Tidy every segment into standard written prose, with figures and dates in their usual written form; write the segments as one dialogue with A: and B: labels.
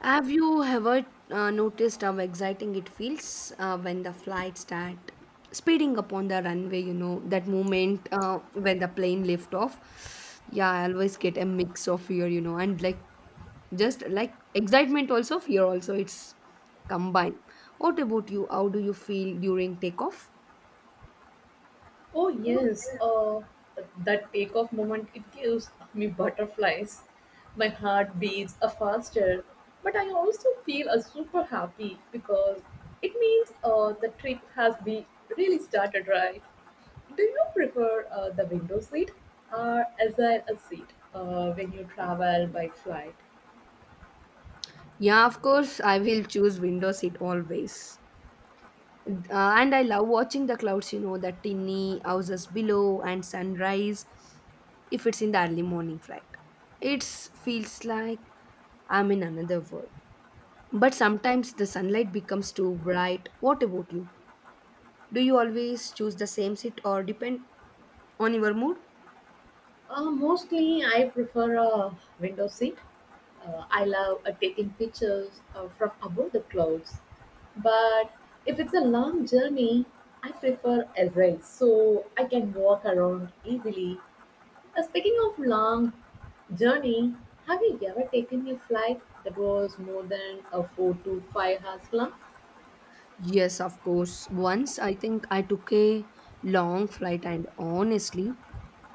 A: Have you ever noticed how exciting it feels when the flights start speeding up on the runway? You know, that moment when the plane lift off. Yeah, I always get a mix of fear, you know, and like just like excitement, also fear, also it's combined. What about you? How do you feel during takeoff?
B: Oh yes, that takeoff moment it gives me butterflies. My heart beats faster, but I also feel super happy because it means the trip has been really started right. Do you prefer the window seat or as a seat when you travel by flight?
A: Yeah, of course, I will choose window seat always. And I love watching the clouds, you know, the tinny houses below and sunrise, if it's in the early morning flight. It feels like I'm in another world. But sometimes the sunlight becomes too bright. What about you? Do you always choose the same seat or depend on your mood?
B: Mostly, I prefer a window seat. I love taking pictures from above the clouds. But if it's a long journey, I prefer a ride so I can walk around easily. Speaking of long journey, have you ever taken a flight that was more than a 4 to 5 hours long?
A: Yes, of course. Once I think I took a long flight and honestly,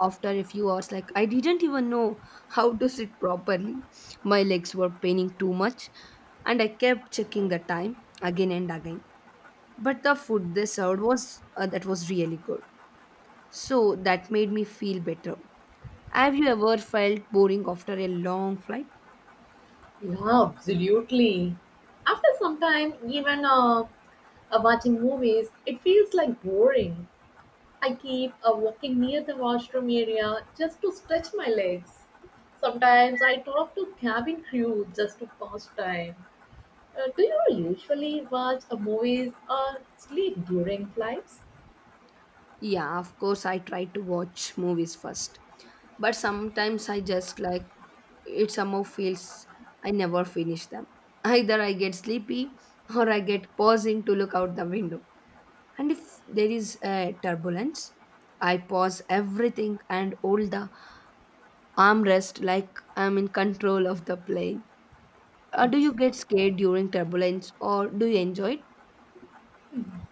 A: after a few hours, like I didn't even know how to sit properly. My legs were paining too much and I kept checking the time again and again. But the food they served was that was really good, so that made me feel better. Have you ever felt boring after a long flight?
B: Yeah, absolutely. After some time, even watching movies, it feels like boring. I keep a walking near the washroom area just to stretch my legs. Sometimes I talk to cabin crew just to pass time. Do you usually watch a movies or sleep during flights?
A: Yeah, of course, I try to watch movies first, but sometimes I just like it somehow feels I never finish them. Either I get sleepy or I get pausing to look out the window. And if there is a turbulence, I pause everything and hold the armrest like I'm in control of the plane. Do you get scared during turbulence or do you enjoy it?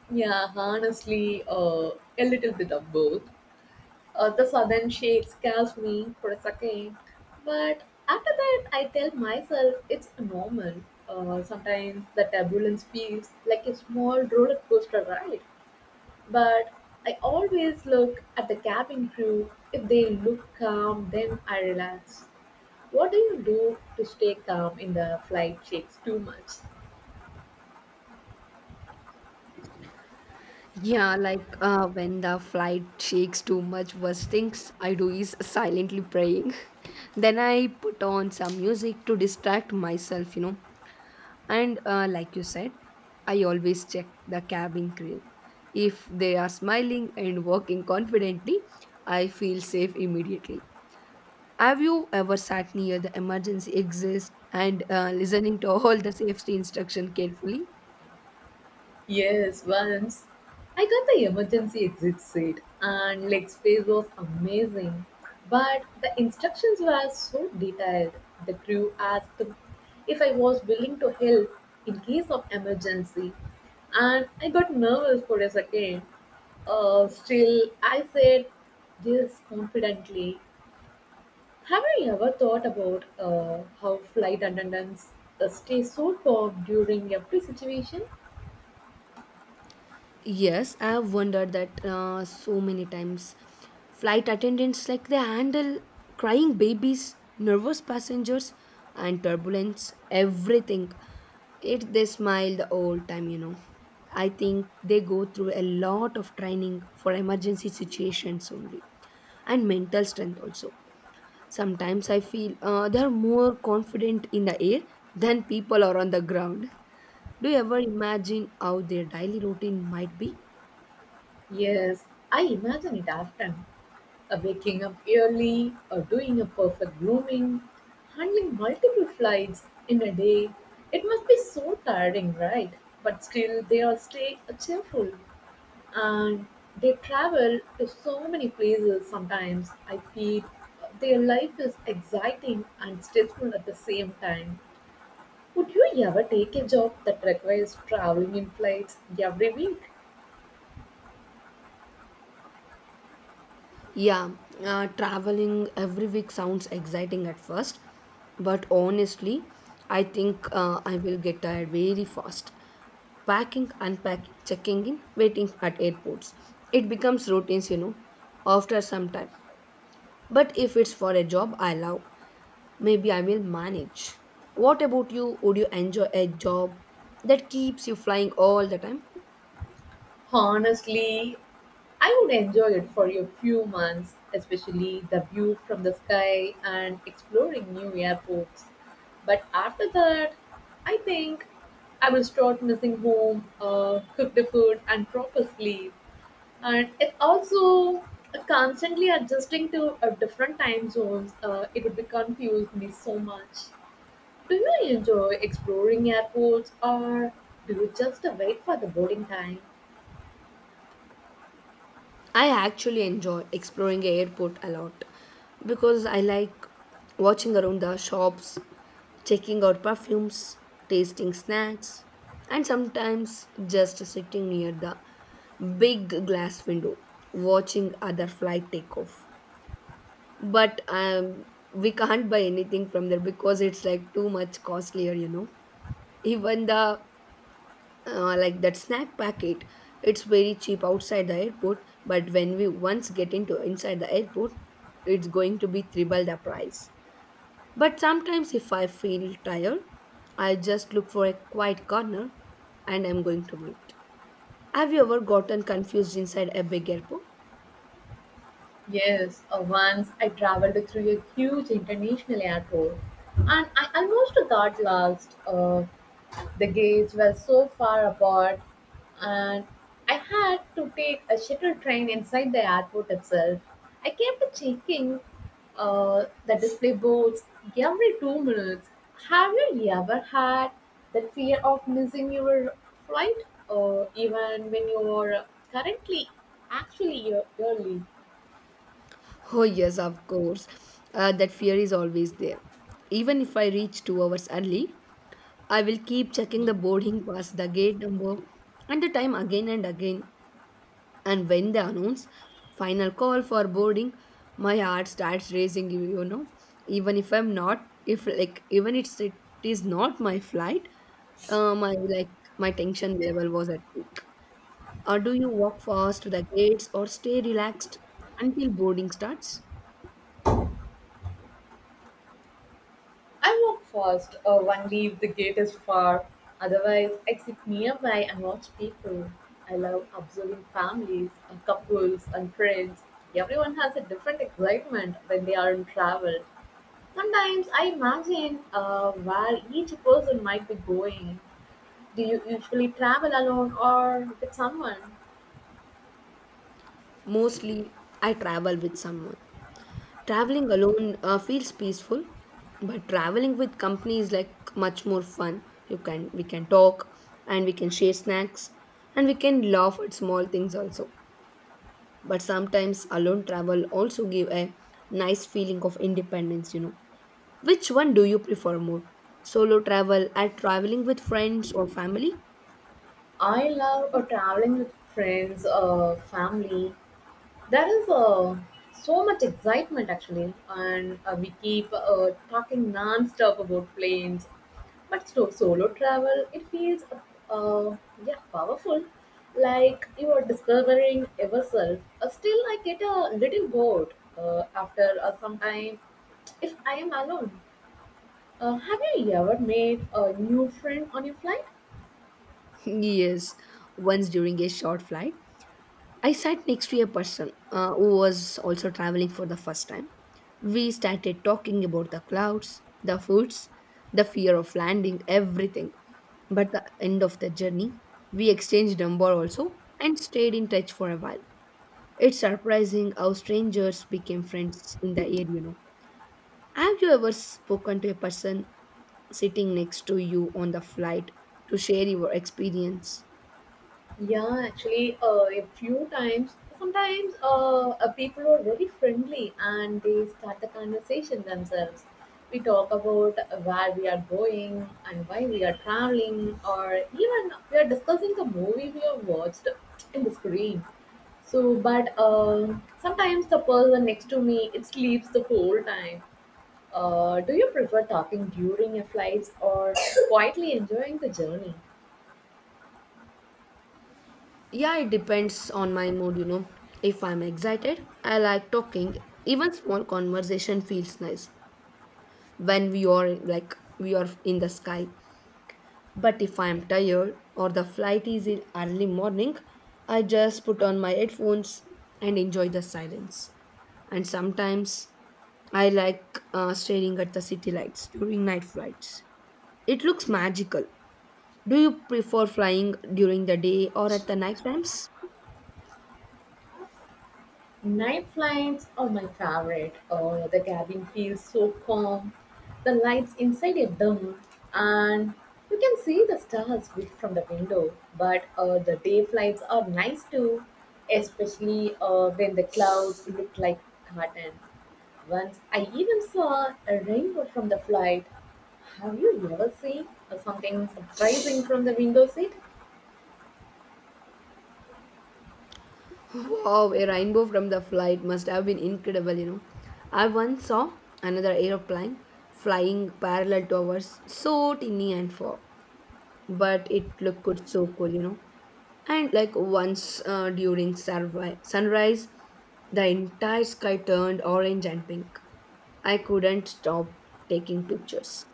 B: Yeah, honestly, a little bit of both. The sudden shake scares me for a second, but after that, I tell myself it's normal. Sometimes the turbulence feels like a small roller coaster ride. But I always look at the cabin crew. If they look calm, then I relax. What do you do to stay calm in the flight shakes too much?
A: Yeah, like when the flight shakes too much, worst things I do is silently praying. Then I put on some music to distract myself, you know. And like you said, I always check the cabin crew. If they are smiling and walking confidently, I feel safe immediately. Have you ever sat near the emergency exit and listening to all the safety instruction carefully?
B: Yes, once I got the emergency exit seat and leg space was amazing. But the instructions were so detailed. The crew asked if I was willing to help in case of emergency and I got nervous for a second. Still, I said this confidently. Have you ever thought about how flight attendants stay so calm during every situation?
A: Yes, I have wondered that so many times. Flight attendants, like, they handle crying babies, nervous passengers, and turbulence, everything. It they smile the whole time, you know. I think they go through a lot of training for emergency situations only, and mental strength also. Sometimes I feel they are more confident in the air than people are on the ground. Do you ever imagine how their daily routine might be?
B: Yes, I imagine it often. Waking up early, or doing a perfect grooming, handling multiple flights in a day. It must be so tiring, right? But still, they all stay cheerful and they travel to so many places. Sometimes I feel their life is exciting and stressful at the same time. Would you ever take a job that requires traveling in flights every week?
A: Yeah, traveling every week sounds exciting at first, but honestly, I think I will get tired very fast. Packing, unpacking, checking in, waiting at airports. It becomes routines, you know, after some time. But if it's for a job I love, maybe I will manage. What about you? Would you enjoy a job that keeps you flying all the time?
B: Honestly, I would enjoy it for a few months, especially the view from the sky and exploring new airports. But after that, I think I will start missing home cooked food and proper sleep. And it also constantly adjusting to different time zones. It would be confused me so much. Do you enjoy exploring airports or do you just wait for the boarding time?
A: I actually enjoy exploring the airport a lot because I like watching around the shops, checking out perfumes, tasting snacks, and sometimes just sitting near the big glass window watching other flight take off. But we can't buy anything from there because it's like too much costlier, you know. Even the like that snack packet, it's very cheap outside the airport, but when we once get into inside the airport, it's going to be triple the price. But sometimes if I feel tired, I just look for a quiet corner and I'm going to wait. Have you ever gotten confused inside a big airport?
B: Yes, once I traveled through a huge international airport and I almost got lost The gates were so far apart, and I had to take a shuttle train inside the airport itself. I kept checking the display boards every 2 minutes. Have you ever had that fear of missing your flight, or even when you are currently actually early?
A: Oh yes, of course, that fear is always there. Even if I reach 2 hours early, I will keep checking the boarding pass, the gate number, and the time again and again. And when they announce final call for boarding, my heart starts racing, you know. Even if I'm not, if like, even it's, it is not my flight, uh, my like my tension level was at peak. Or do you walk fast to the gates or stay relaxed until boarding starts?
B: I walk fast, or one leave the gate is far. Otherwise, I sit nearby and watch people. I love observing families, and couples, and friends. Everyone has a different excitement when they are in travel. Sometimes I imagine where each person might be going. Do you usually travel alone or with someone?
A: Mostly, I travel with someone. Traveling alone feels peaceful, but traveling with company is like much more fun. You can we can talk and we can share snacks and we can laugh at small things also. But sometimes alone travel also give a nice feeling of independence, you know. Which one do you prefer more? Solo travel and traveling with friends or family?
B: I love traveling with friends or family. There is so much excitement actually, and we keep talking non-stop about planes. But solo travel, it feels uh, yeah powerful, like you are discovering yourself. Still, I get a little bored after some time if I am alone. Have you ever made a new friend on your flight?
A: Yes, once during a short flight, I sat next to a person who was also traveling for the first time. We started talking about the clouds, the foods, the fear of landing, everything. But the end of the journey, we exchanged number also and stayed in touch for a while. It's surprising how strangers became friends in the air, you know. Have you ever spoken to a person sitting next to you on the flight to share your experience?
B: Yeah, actually, a few times. Sometimes people are very friendly and they start the conversation themselves. We talk about where we are going and why we are traveling, or even we are discussing the movie we have watched in the screen. But sometimes the person next to me it sleeps the whole time. Do you prefer talking during your flights or quietly enjoying the journey?
A: Yeah, it depends on my mood, you know. If I'm excited, I like talking. Even small conversation feels nice when we are in the sky. But if I'm tired or the flight is in early morning, I just put on my headphones and enjoy the silence. And sometimes I like staring at the city lights during night flights. It looks magical. Do you prefer flying during the day or at the night times?
B: Night flights are my favorite. Oh, the cabin feels so calm. The lights inside are dim, and you can see the stars from the window. But the day flights are nice too, especially when the clouds look like cotton. Once I even saw a rainbow from the flight. Have you ever seen something surprising from the window seat?
A: Wow, a rainbow from the flight must have been incredible, you know. I once saw another aeroplane flying parallel to ours, so tiny and far, but it looked good, so cool, you know. And like once during sunrise, the entire sky turned orange and pink. I couldn't stop taking pictures.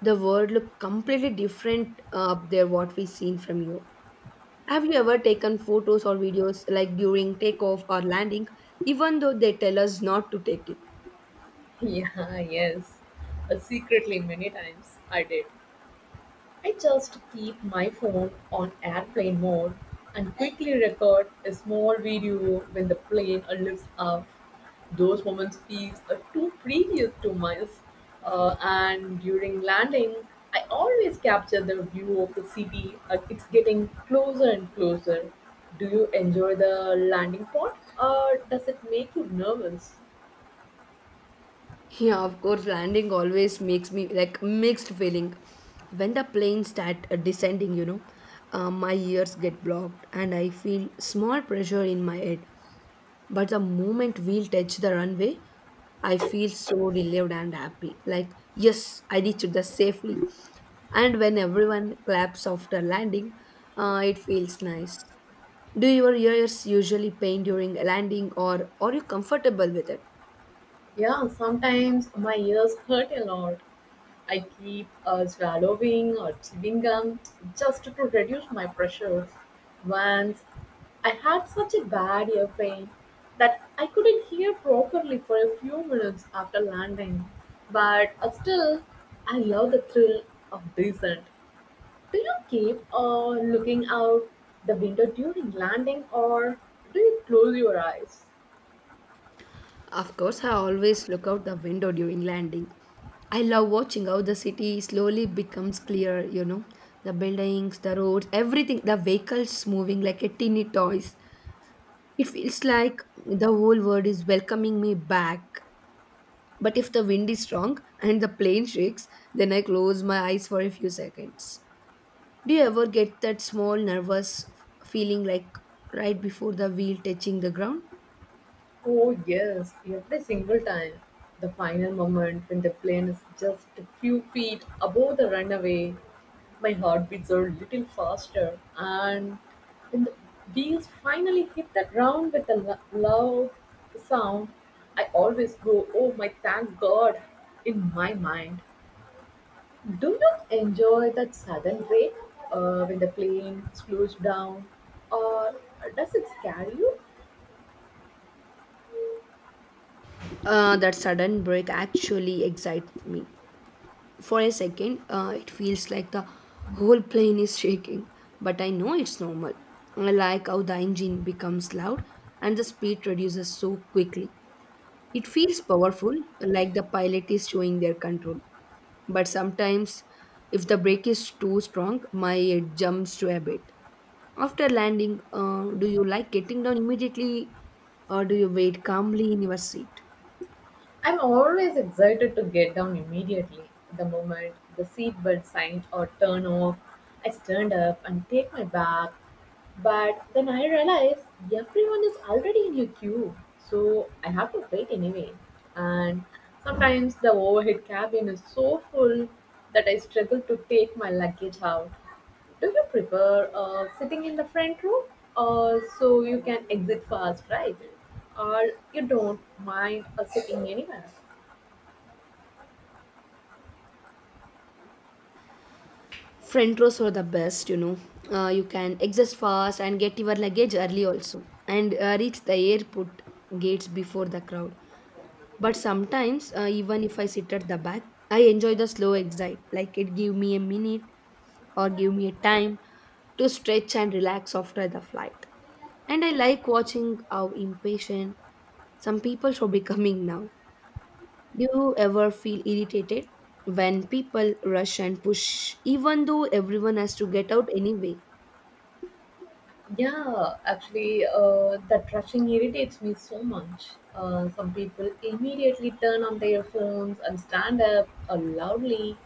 A: The world looked completely different up there, what we seen from you. Have you ever taken photos or videos like during takeoff or landing, even though they tell us not to take it?
B: Yeah, yes. Secretly, many times I did. I just keep my phone on airplane mode and quickly record a small video when the plane lifts up. Those moments feel too precious to miss. And during landing, I always capture the view of the city. It's getting closer and closer. Do you enjoy the landing part or does it make you nervous?
A: Yeah, of course, landing always makes me like mixed feeling. When the plane start descending, you know, my ears get blocked and I feel small pressure in my head. But the moment we'll touch the runway, I feel so relieved and happy. Like, yes, I reached the safely. And when everyone claps after landing, it feels nice. Do your ears usually pain during landing or are you comfortable with it?
B: Yeah, sometimes my ears hurt a lot. I keep swallowing or chewing gum just to reduce my pressure. Once I had such a bad ear pain that I couldn't hear properly for a few minutes after landing. But still, I love the thrill of descent. Do you keep looking out the window during landing or do you close your eyes?
A: Of course, I always look out the window during landing. I love watching how the city slowly becomes clear, you know, the buildings, the roads, everything, the vehicles moving like a teeny toys. It feels like the whole world is welcoming me back. But if the wind is strong and the plane shakes, then I close my eyes for a few seconds. Do you ever get that small nervous feeling like right before the wheel touching the ground?
B: Oh, yes, every single time. The final moment when the plane is just a few feet above the runway, my heart beats a little faster. And when the wheels finally hit the ground with a loud sound, I always go, oh my, thank God, in my mind. Do you enjoy that sudden break when the plane slows down, or does it scare you?
A: That sudden break actually excites me. For a second, it feels like the whole plane is shaking, but I know it's normal. I like how the engine becomes loud and the speed reduces so quickly. It feels powerful, like the pilot is showing their control. But sometimes, if the brake is too strong, my head jumps to a bit. After landing, do you like getting down immediately or do you wait calmly in your seat?
B: I'm always excited to get down immediately. The moment the seatbelt sign or turn off, I stand up and take my bag. But then I realize everyone is already in a queue, so I have to wait anyway. And sometimes the overhead cabin is so full that I struggle to take my luggage out. Do you prefer sitting in the front row, or so you can exit fast, right? Or you don't mind sitting anywhere?
A: Front rows are the best, you know. You can exit fast and get your luggage early also and reach the airport gates before the crowd. But sometimes, even if I sit at the back, I enjoy the slow exit. Like it give me a minute or give me a time to stretch and relax after the flight. And I like watching how impatient some people should be coming now. Do you ever feel irritated when people rush and push, even though everyone has to get out anyway?
B: Yeah, actually, that rushing irritates me so much. Some people immediately turn on their phones and stand up loudly,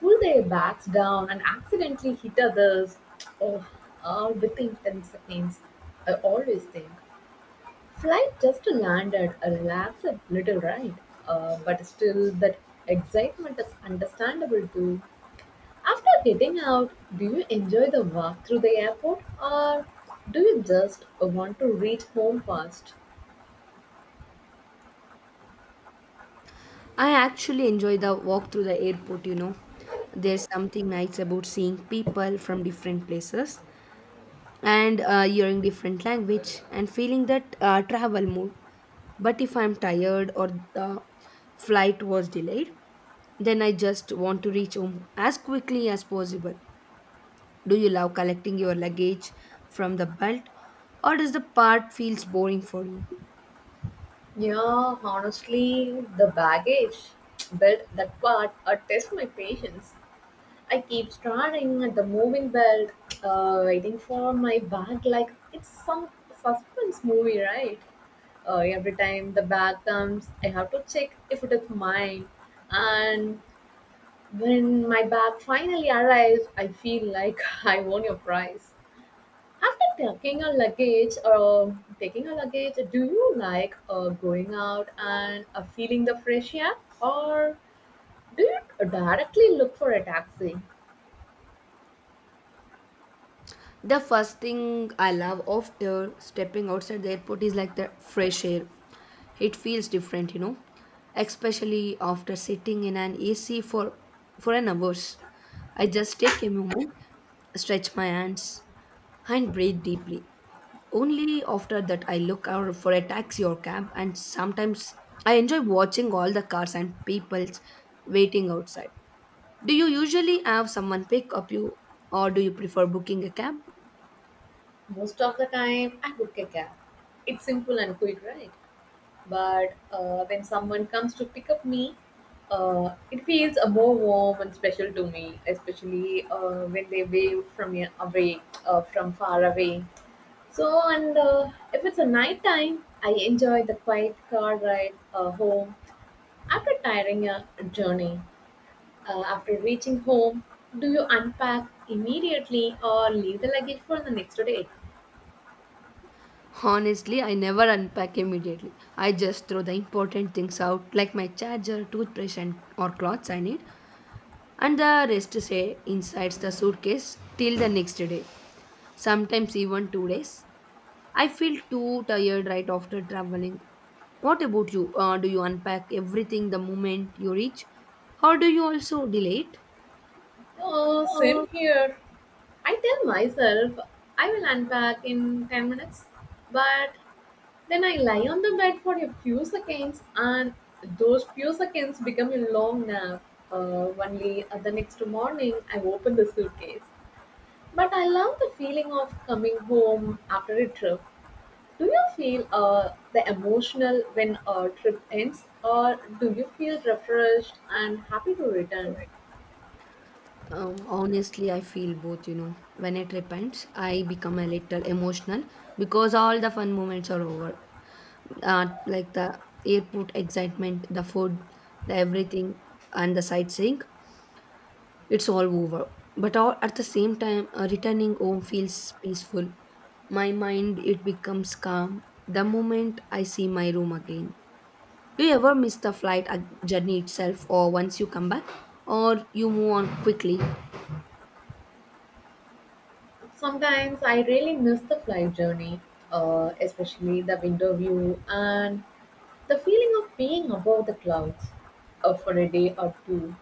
B: pull their backs down, and accidentally hit others. Oh, all within 10 seconds. I always think flight just landed, a relax a little, right? But still, that excitement is understandable too. After getting out, do you enjoy the walk through the airport or do you just want to reach home fast?
A: I actually enjoy the walk through the airport, you know. There's something nice about seeing people from different places and hearing different language and feeling that travel mood. But if I'm tired or the flight was delayed, then I just want to reach home as quickly as possible. Do you love collecting your luggage from the belt or does the part feels boring for you?
B: Yeah, honestly, the baggage. But that part tests my patience. I keep staring at the moving belt, waiting for my bag like it's some suspense movie, right? Every time the bag comes, I have to check if it is mine and when my bag finally arrives, I feel like I won your prize. After taking a luggage or taking a luggage, do you like going out and feeling the fresh air, or do you directly look for a taxi?
A: The first thing I love after stepping outside the airport is like the fresh air. It feels different, you know, especially after sitting in an AC for an hours. I just take a moment, stretch my hands and breathe deeply. Only after that I look out for a taxi or cab, and sometimes I enjoy watching all the cars and peoples waiting outside. Do you usually have someone pick up you or do you prefer booking a cab?
B: Most of the time, I book a cab. It's simple and quick, right? But when someone comes to pick up me, it feels more warm and special to me, especially when they wave from away, from far away. And if it's a night time, I enjoy the quiet car ride home after tiring a journey. After reaching home, do you unpack immediately or leave the luggage for the next day?
A: Honestly, I never unpack immediately. I just throw the important things out like my charger, toothbrush, and or clothes I need, and the rest say inside the suitcase till the next day, sometimes even 2 days. I feel too tired right after traveling. What about you? Do you unpack everything the moment you reach? Or do you also delay it?
B: Oh, same here. I tell myself I will unpack in 10 minutes, but then I lie on the bed for a few seconds, and those few seconds become a long nap. Only the next morning, I open the suitcase. But I love the feeling of coming home after a trip. Do you feel the emotional when a trip ends, or do you feel refreshed and happy to return?
A: Honestly, I feel both, you know. When it repents, I become a little emotional because all the fun moments are over. The airport excitement, the food, the everything, and the sightseeing. It's all over. But all, at the same time, returning home feels peaceful. My mind it becomes calm the moment I see my room again. Do you ever miss the flight journey itself, or once you come back, or you move on quickly?
B: Sometimes I really miss the flight journey, especially the window view and the feeling of being above the clouds for a day or two.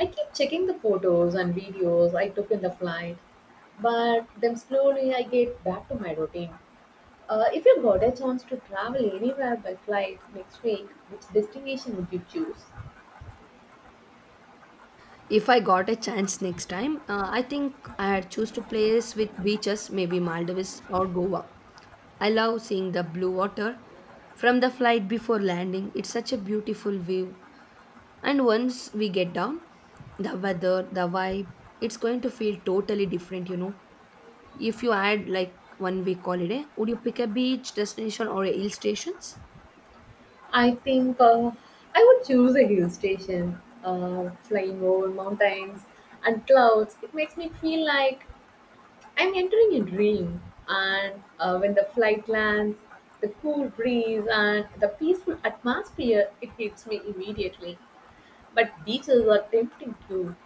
B: I keep checking the photos and videos I took in the flight, but then slowly I get back to my routine. If you got a chance to travel anywhere by flight next week, which destination would you choose?
A: If I got a chance next time, I think I'd choose to place with beaches, maybe Maldives or Goa. I love seeing the blue water from the flight before landing. It's such a beautiful view. And once we get down, the weather, the vibe, it's going to feel totally different, you know. If you had like one week holiday, would you pick a beach destination or a hill stations?
B: I think I would choose a hill station, flying over mountains and clouds. It makes me feel like I'm entering a dream. And when the flight lands, the cool breeze and the peaceful atmosphere, it hits me immediately. But beaches are tempting too.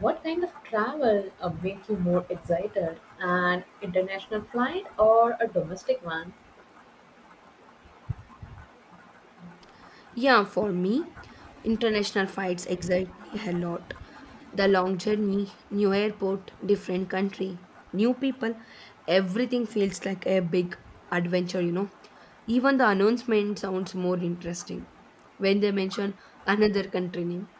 B: What kind of travel make you more excited? An international flight or a domestic one?
A: Yeah, for me, international flights excite me a lot. The long journey, new airport, different country, new people, everything feels like a big adventure, you know. Even the announcement sounds more interesting when they mention another country name.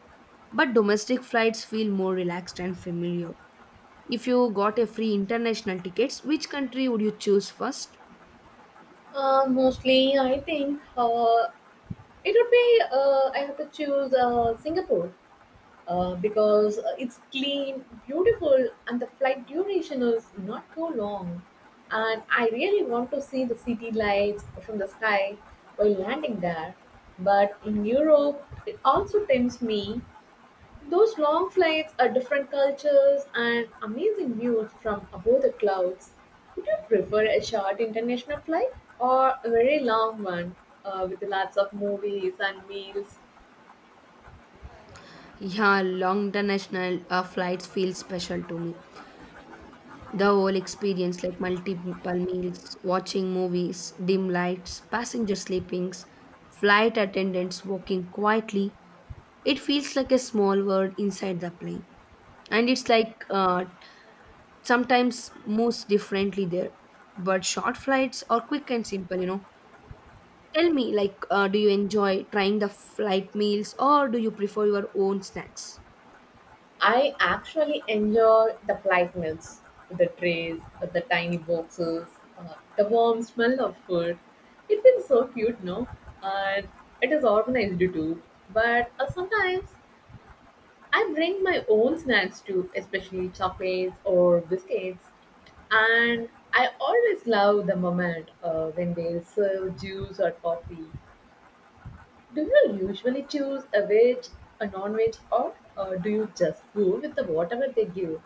A: But domestic flights feel more relaxed and familiar. If you got a free international tickets, which country would you choose first?
B: Mostly, I think it would be, I have to choose Singapore because it's clean, beautiful, and the flight duration is not too long. And I really want to see the city lights from the sky while landing there. But in Europe, it also tempts me, those long flights are different cultures and amazing views from above the clouds. Would you prefer a short international flight or a very long one with lots of movies and meals?
A: Yeah, long international flights feel special to me. The whole experience, like multiple meals, watching movies, dim lights, passenger sleepings, flight attendants walking quietly, it feels like a small world inside the plane. And it's like sometimes moves differently there. But short flights are quick and simple, you know. Tell me, like, do you enjoy trying the flight meals or do you prefer your own snacks?
B: I actually enjoy the flight meals, the trays, the tiny boxes, the warm smell of food. It feels so cute, no? And it is organized too. But sometimes I bring my own snacks too, especially chocolates or biscuits. And I always love the moment when they serve juice or coffee. Do you usually choose a veg, a non veg, or do you just go with the whatever they give?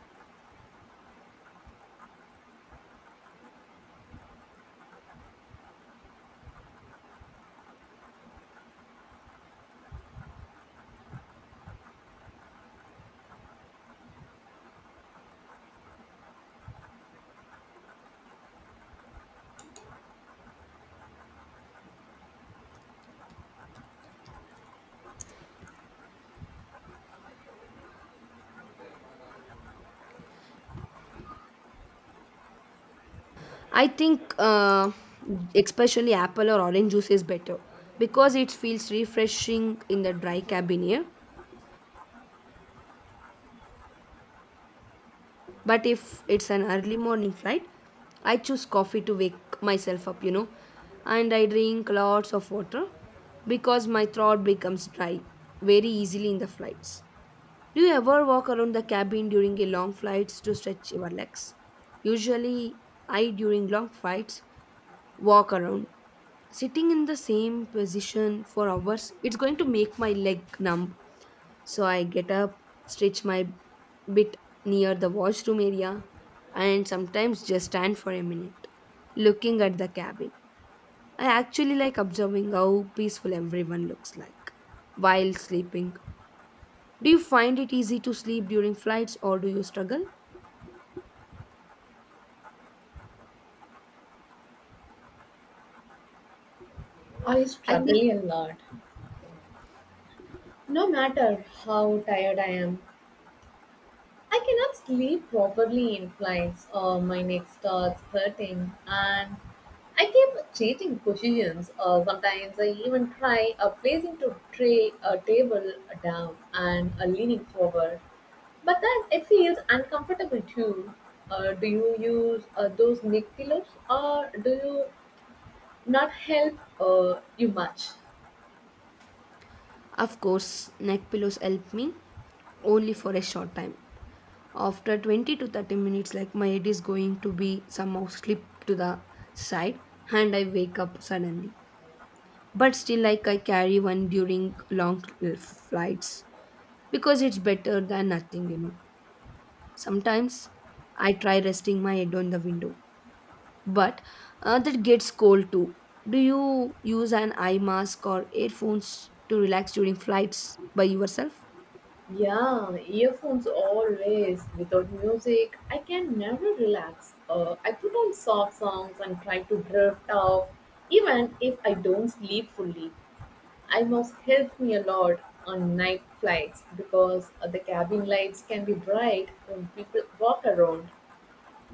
A: I think especially apple or orange juice is better because it feels refreshing in the dry cabin here. But if it's an early morning flight, I choose coffee to wake myself up, you know, and I drink lots of water because my throat becomes dry very easily in the flights. Do you ever walk around the cabin during a long flights to stretch your legs? Usually, I during long flights walk around, sitting in the same position for hours it's going to make my leg numb, so I get up stretch my bit near the washroom area and sometimes just stand for a minute looking at the cabin. I actually like observing how peaceful everyone looks like while sleeping. Do you find it easy to sleep during flights or do you struggle?
B: Or you
A: I
B: struggle
A: think
B: a lot? No matter how tired I am, I cannot sleep properly in flights or my neck starts hurting and I keep changing positions. Sometimes I even try placing to tray a table down and leaning forward. But then it feels uncomfortable too. Do you use those neck pillows or do you not help you much?
A: of course neck pillows help me only for a short time. After 20 to 30 minutes, like my head is going to be somehow slipped to the side and I wake up suddenly. But still, like I carry one during long flights because it's better than nothing, you know. Sometimes I try resting my head on the window, but that gets cold too. Do you use an eye mask or earphones to relax during flights by yourself?
B: Yeah, earphones always. Without music, I can never relax. I put on soft songs and try to drift off, even if I don't sleep fully. I must help me a lot on night flights because the cabin lights can be bright when people walk around.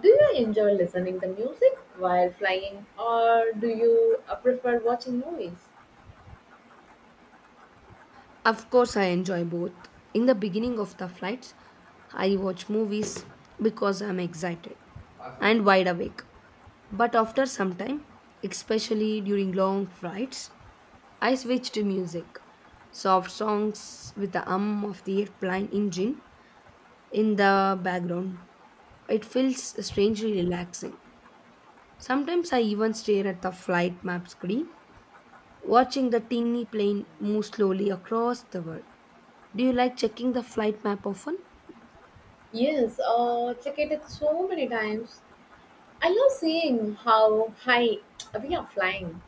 B: Do you enjoy listening to music while flying or do you prefer watching movies?
A: Of course, I enjoy both. In the beginning of the flights, I watch movies because I'm excited and wide awake. But after some time, especially during long flights, I switch to music. Soft songs with the hum of the airplane engine in the background. It feels strangely relaxing. Sometimes I even stare at the flight map screen, watching the tiny plane move slowly across the world. Do you like checking the flight map often?
B: Yes, check it so many times. I love seeing how high we are flying,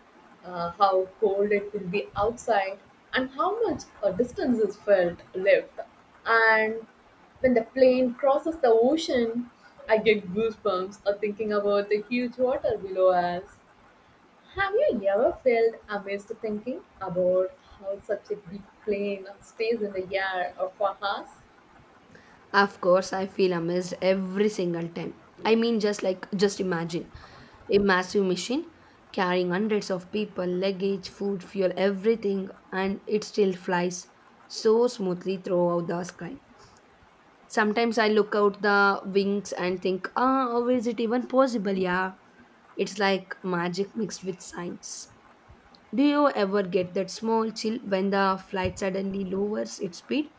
B: how cold it will be outside, and how much a distance is felt left. And when the plane crosses the ocean, I get goosebumps of thinking about the huge water below us. Have you ever felt amazed thinking about how such a big plane stays in the air for hours?
A: Of course, I feel amazed every single time. I mean, just imagine a massive machine carrying hundreds of people, luggage, food, fuel, everything, and it still flies so smoothly throughout the sky. Sometimes I look out the wings and think, ah, how is it even possible? Yeah, it's like magic mixed with science. Do you ever get that small chill when the flight suddenly lowers its speed?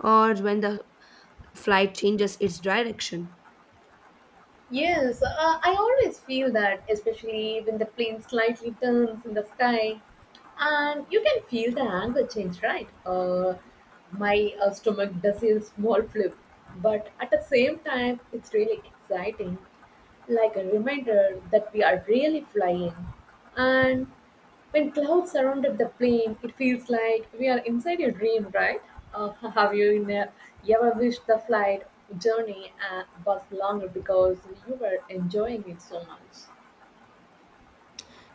A: Or when the flight changes its direction.
B: Yes, I always feel that, especially when the plane slightly turns in the sky and you can feel the angle change, right? My stomach does a small flip, but at the same time, it's really exciting, like a reminder that we are really flying. And when clouds surrounded the plane, it feels like we are inside a dream, right? Uh, have you in a, you ever wished the flight journey was longer because you were enjoying it so much?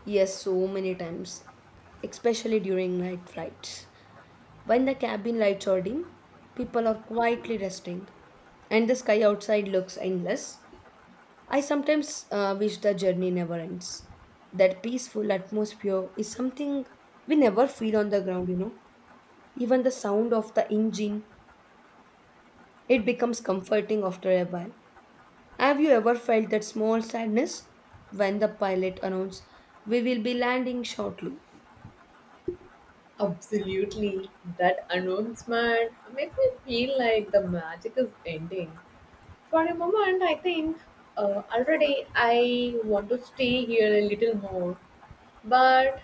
A: Yes, so many times, especially during night flights. When the cabin lights are dim, people are quietly resting, and the sky outside looks endless. I sometimes wish the journey never ends. That peaceful atmosphere is something we never feel on the ground, you know. Even the sound of the engine, it becomes comforting after a while. Have you ever felt that small sadness when the pilot announced we will be landing shortly?
B: Absolutely. That announcement made me feel like the magic is ending. For a moment, I think already I want to stay here a little more. But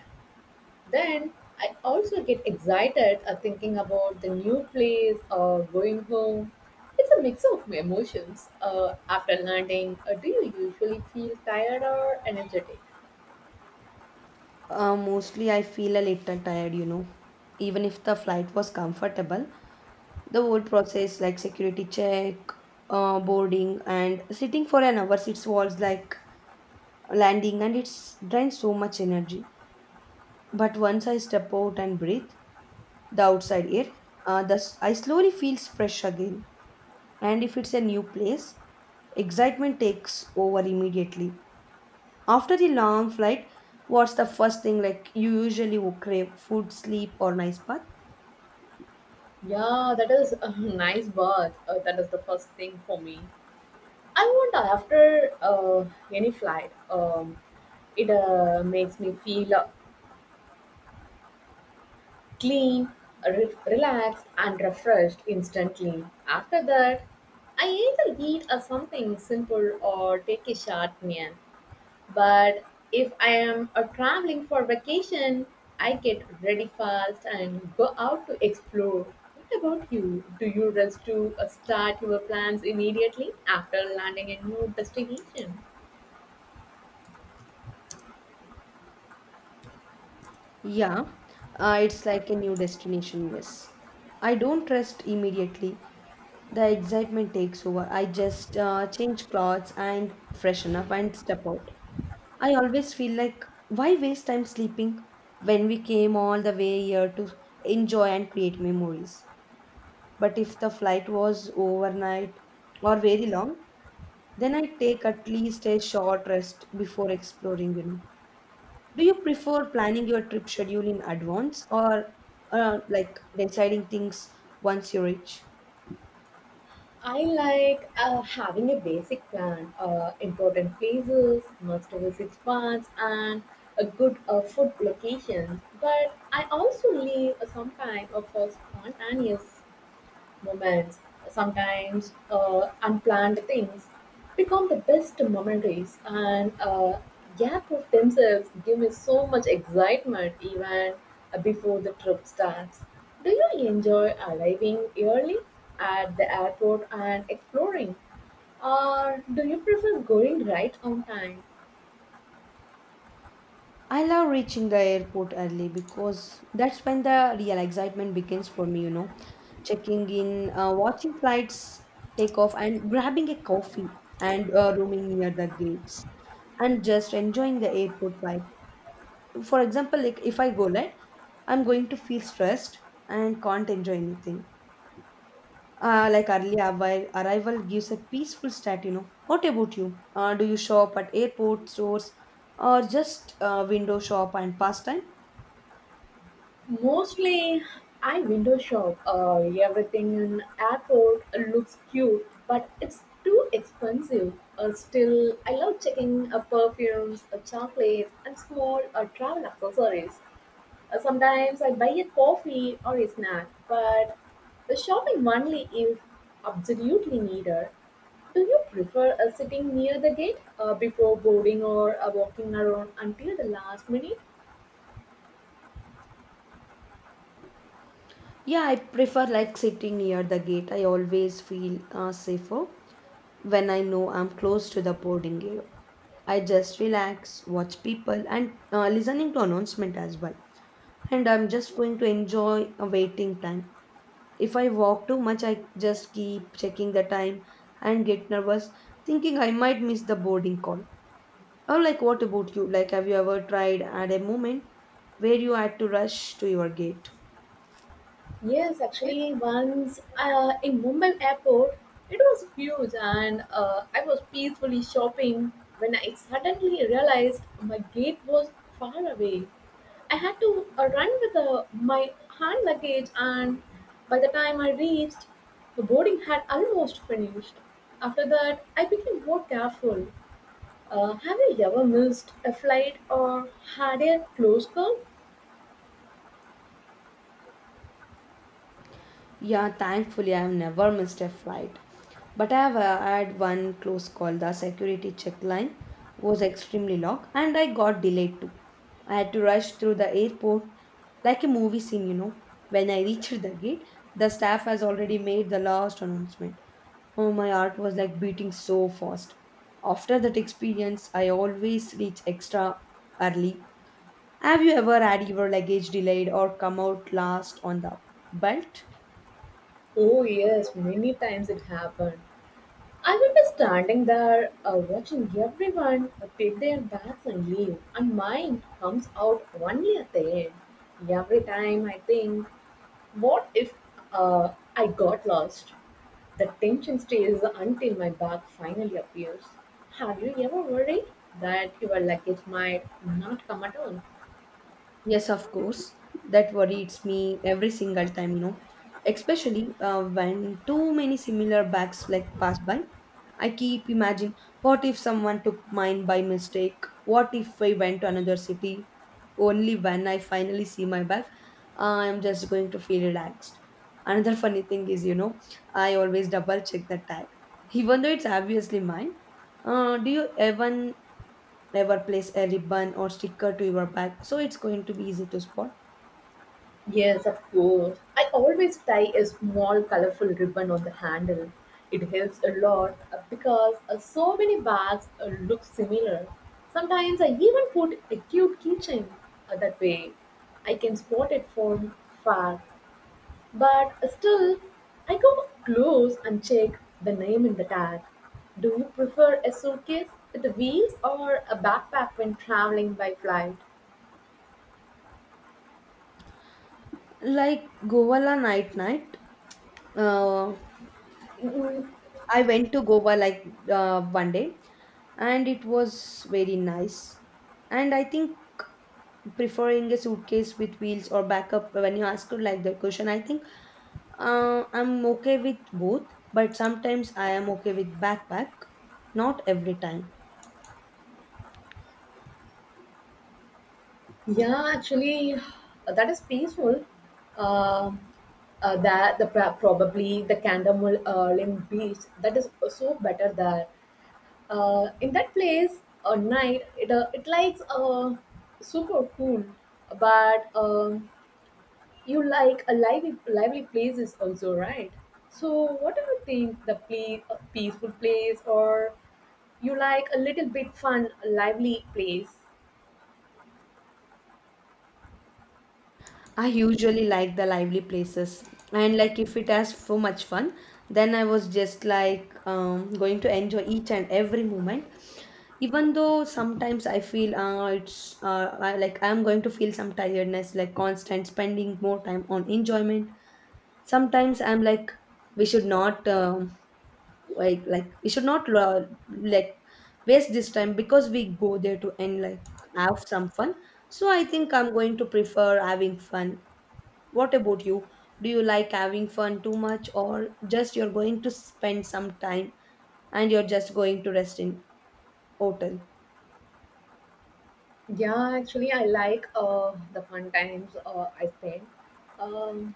B: then I also get excited thinking about the new place or going home. It's a mix of emotions. After landing, do you usually feel tired or energetic?
A: Mostly, I feel a little tired, you know. Even if the flight was comfortable, the whole process like security check, boarding, and sitting for an hour, it was like landing and it's drains so much energy. But once I step out and breathe the outside air, thus I slowly feels fresh again. And if it's a new place, excitement takes over immediately. After the long flight, what's the first thing like you usually will crave? Food, sleep, or nice bath?
B: Yeah, that is a nice bath. That is the first thing for me. I wonder after any flight, it makes me feel clean, relaxed, and refreshed instantly. After that, I either eat something simple or take a short nap. But if I am traveling for vacation, I get ready fast and go out to explore. What about you? Do you rush to start your plans immediately after landing a new destination?
A: Yeah, it's like a new destination, yes. I don't rest immediately. The excitement takes over. I just change clothes and freshen up and step out. I always feel like, why waste time sleeping when we came all the way here to enjoy and create memories? But if the flight was overnight or very long, then I take at least a short rest before exploring, you know. Do you prefer planning your trip schedule in advance or like deciding things once you reach?
B: I like having a basic plan, important places, must visit spots, and a good food location. But I also leave some time of spontaneous moments, sometimes unplanned things, become the best memories. And airports themselves give me so much excitement even before the trip starts. Do you enjoy arriving early at the airport and exploring, or do you prefer going right on time?
A: I love reaching the airport early because that's when the real excitement begins for me, you know. Checking in, watching flights take off, and grabbing a coffee and roaming near the gates and just enjoying the airport vibe. For example like if I go late, I'm going to feel stressed and can't enjoy anything. Like early arrival gives a peaceful start, you know. What about you? Do you shop at airport stores or just window shop and pastime?
B: Mostly, I window shop. Everything in airport looks cute, but it's too expensive. Still, I love checking perfumes, chocolates, and small travel accessories. Sometimes I buy a coffee or a snack, but the shopping only is absolutely needed. Do you prefer sitting near the gate before boarding or walking around until the last minute?
A: Yeah, I prefer like sitting near the gate. I always feel safer when I know I'm close to the boarding area. I just relax watch people and listening to announcement as well, and I'm just going to enjoy a waiting time. If I walk too much, I just keep checking the time and get nervous, thinking I might miss the boarding call. Or, like, what about you? Like, have you ever tried at a moment where you had to rush to your gate?
B: Yes, actually, once in Mumbai airport, it was huge, and I was peacefully shopping when I suddenly realized my gate was far away. I had to run with my hand luggage, and by the time I reached, the boarding had almost finished. After that, I became more careful. Have you ever missed a flight or had a close call?
A: Yeah, thankfully, I have never missed a flight. But I have had one close call. The security check line was extremely long and I got delayed too. I had to rush through the airport like a movie scene, you know. When I reached the gate, the staff has already made the last announcement. Oh, my heart was like beating so fast. After that experience, I always reach extra early. Have you ever had your luggage delayed or come out last on the belt?
B: Oh, yes, many times it happened. I remember standing there watching everyone pick their bags and leave, and mine comes out only at the end. Every time I think, what if uh, I got lost? The tension stays until my bag finally appears. Have you ever worried that your luggage might not come at all?
A: Yes, of course. That worries me every single time, you know, especially when too many similar bags like pass by. I keep imagining what if someone took mine by mistake? What if I went to another city? Only when I finally see my bag, I am just going to feel relaxed. Another funny thing is, you know, I always double check the tag, even though it's obviously mine. Do you even never place a ribbon or sticker to your bag, so it's going to be easy to spot?
B: Yes, of course. I always tie a small colorful ribbon on the handle. It helps a lot because so many bags look similar. Sometimes I even put a cute keychain that way. I can spot it from far, but still, I go close and check the name in the tag. Do you prefer a suitcase with wheels or a backpack when traveling by flight?
A: Like Govala night night, uh,
B: Mm.
A: I went to Goa like one day, and it was very nice. And I think preferring a suitcase with wheels or backup when you ask her like that question, I think I'm okay with both, but sometimes I am okay with backpack, not every time.
B: Yeah, actually, that is peaceful. Um that the probably the Candamulim beach that is so better there. In that place, at night it it likes super cool, but you like a lively lively places also, right? So what do you think the place a peaceful place or you like a little bit fun lively place?
A: I usually like the lively places, and like if it has so much fun, then I was just like going to enjoy each and every moment. Even though sometimes I feel like I'm going to feel some tiredness, like constant spending more time on enjoyment. Sometimes I'm like, we should not like we should not like waste this time because we go there to end like have some fun. So I think I'm going to prefer having fun. What about you? Do you like having fun too much, or just you're going to spend some time and you're just going to rest in hotel?
B: Yeah, actually, I like the fun times I spent um,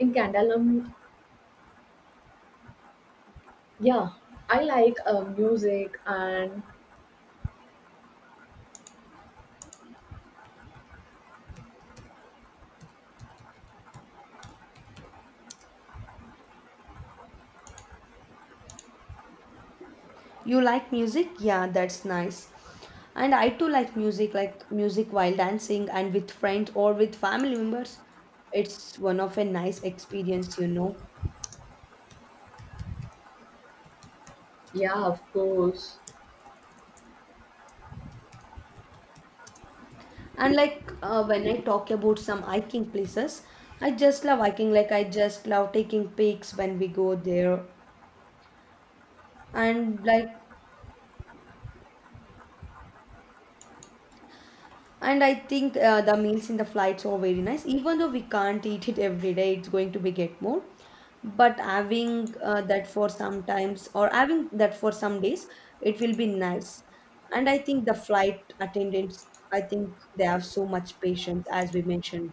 B: in Candalam. Yeah, I like music and
A: You like music? Yeah, that's nice. And I too like music while dancing and with friends or with family members. It's one of a nice experience, you know.
B: yeah, of course.
A: And like when I talk about some hiking places, I just love hiking. Like I just love taking pics when we go there. And like And I think the meals in the flights are very nice. Even though we can't eat it every day, it's going to be get more. But having that for sometimes or having that for some days, it will be nice. And I think the flight attendants, I think they have so much patience as we mentioned.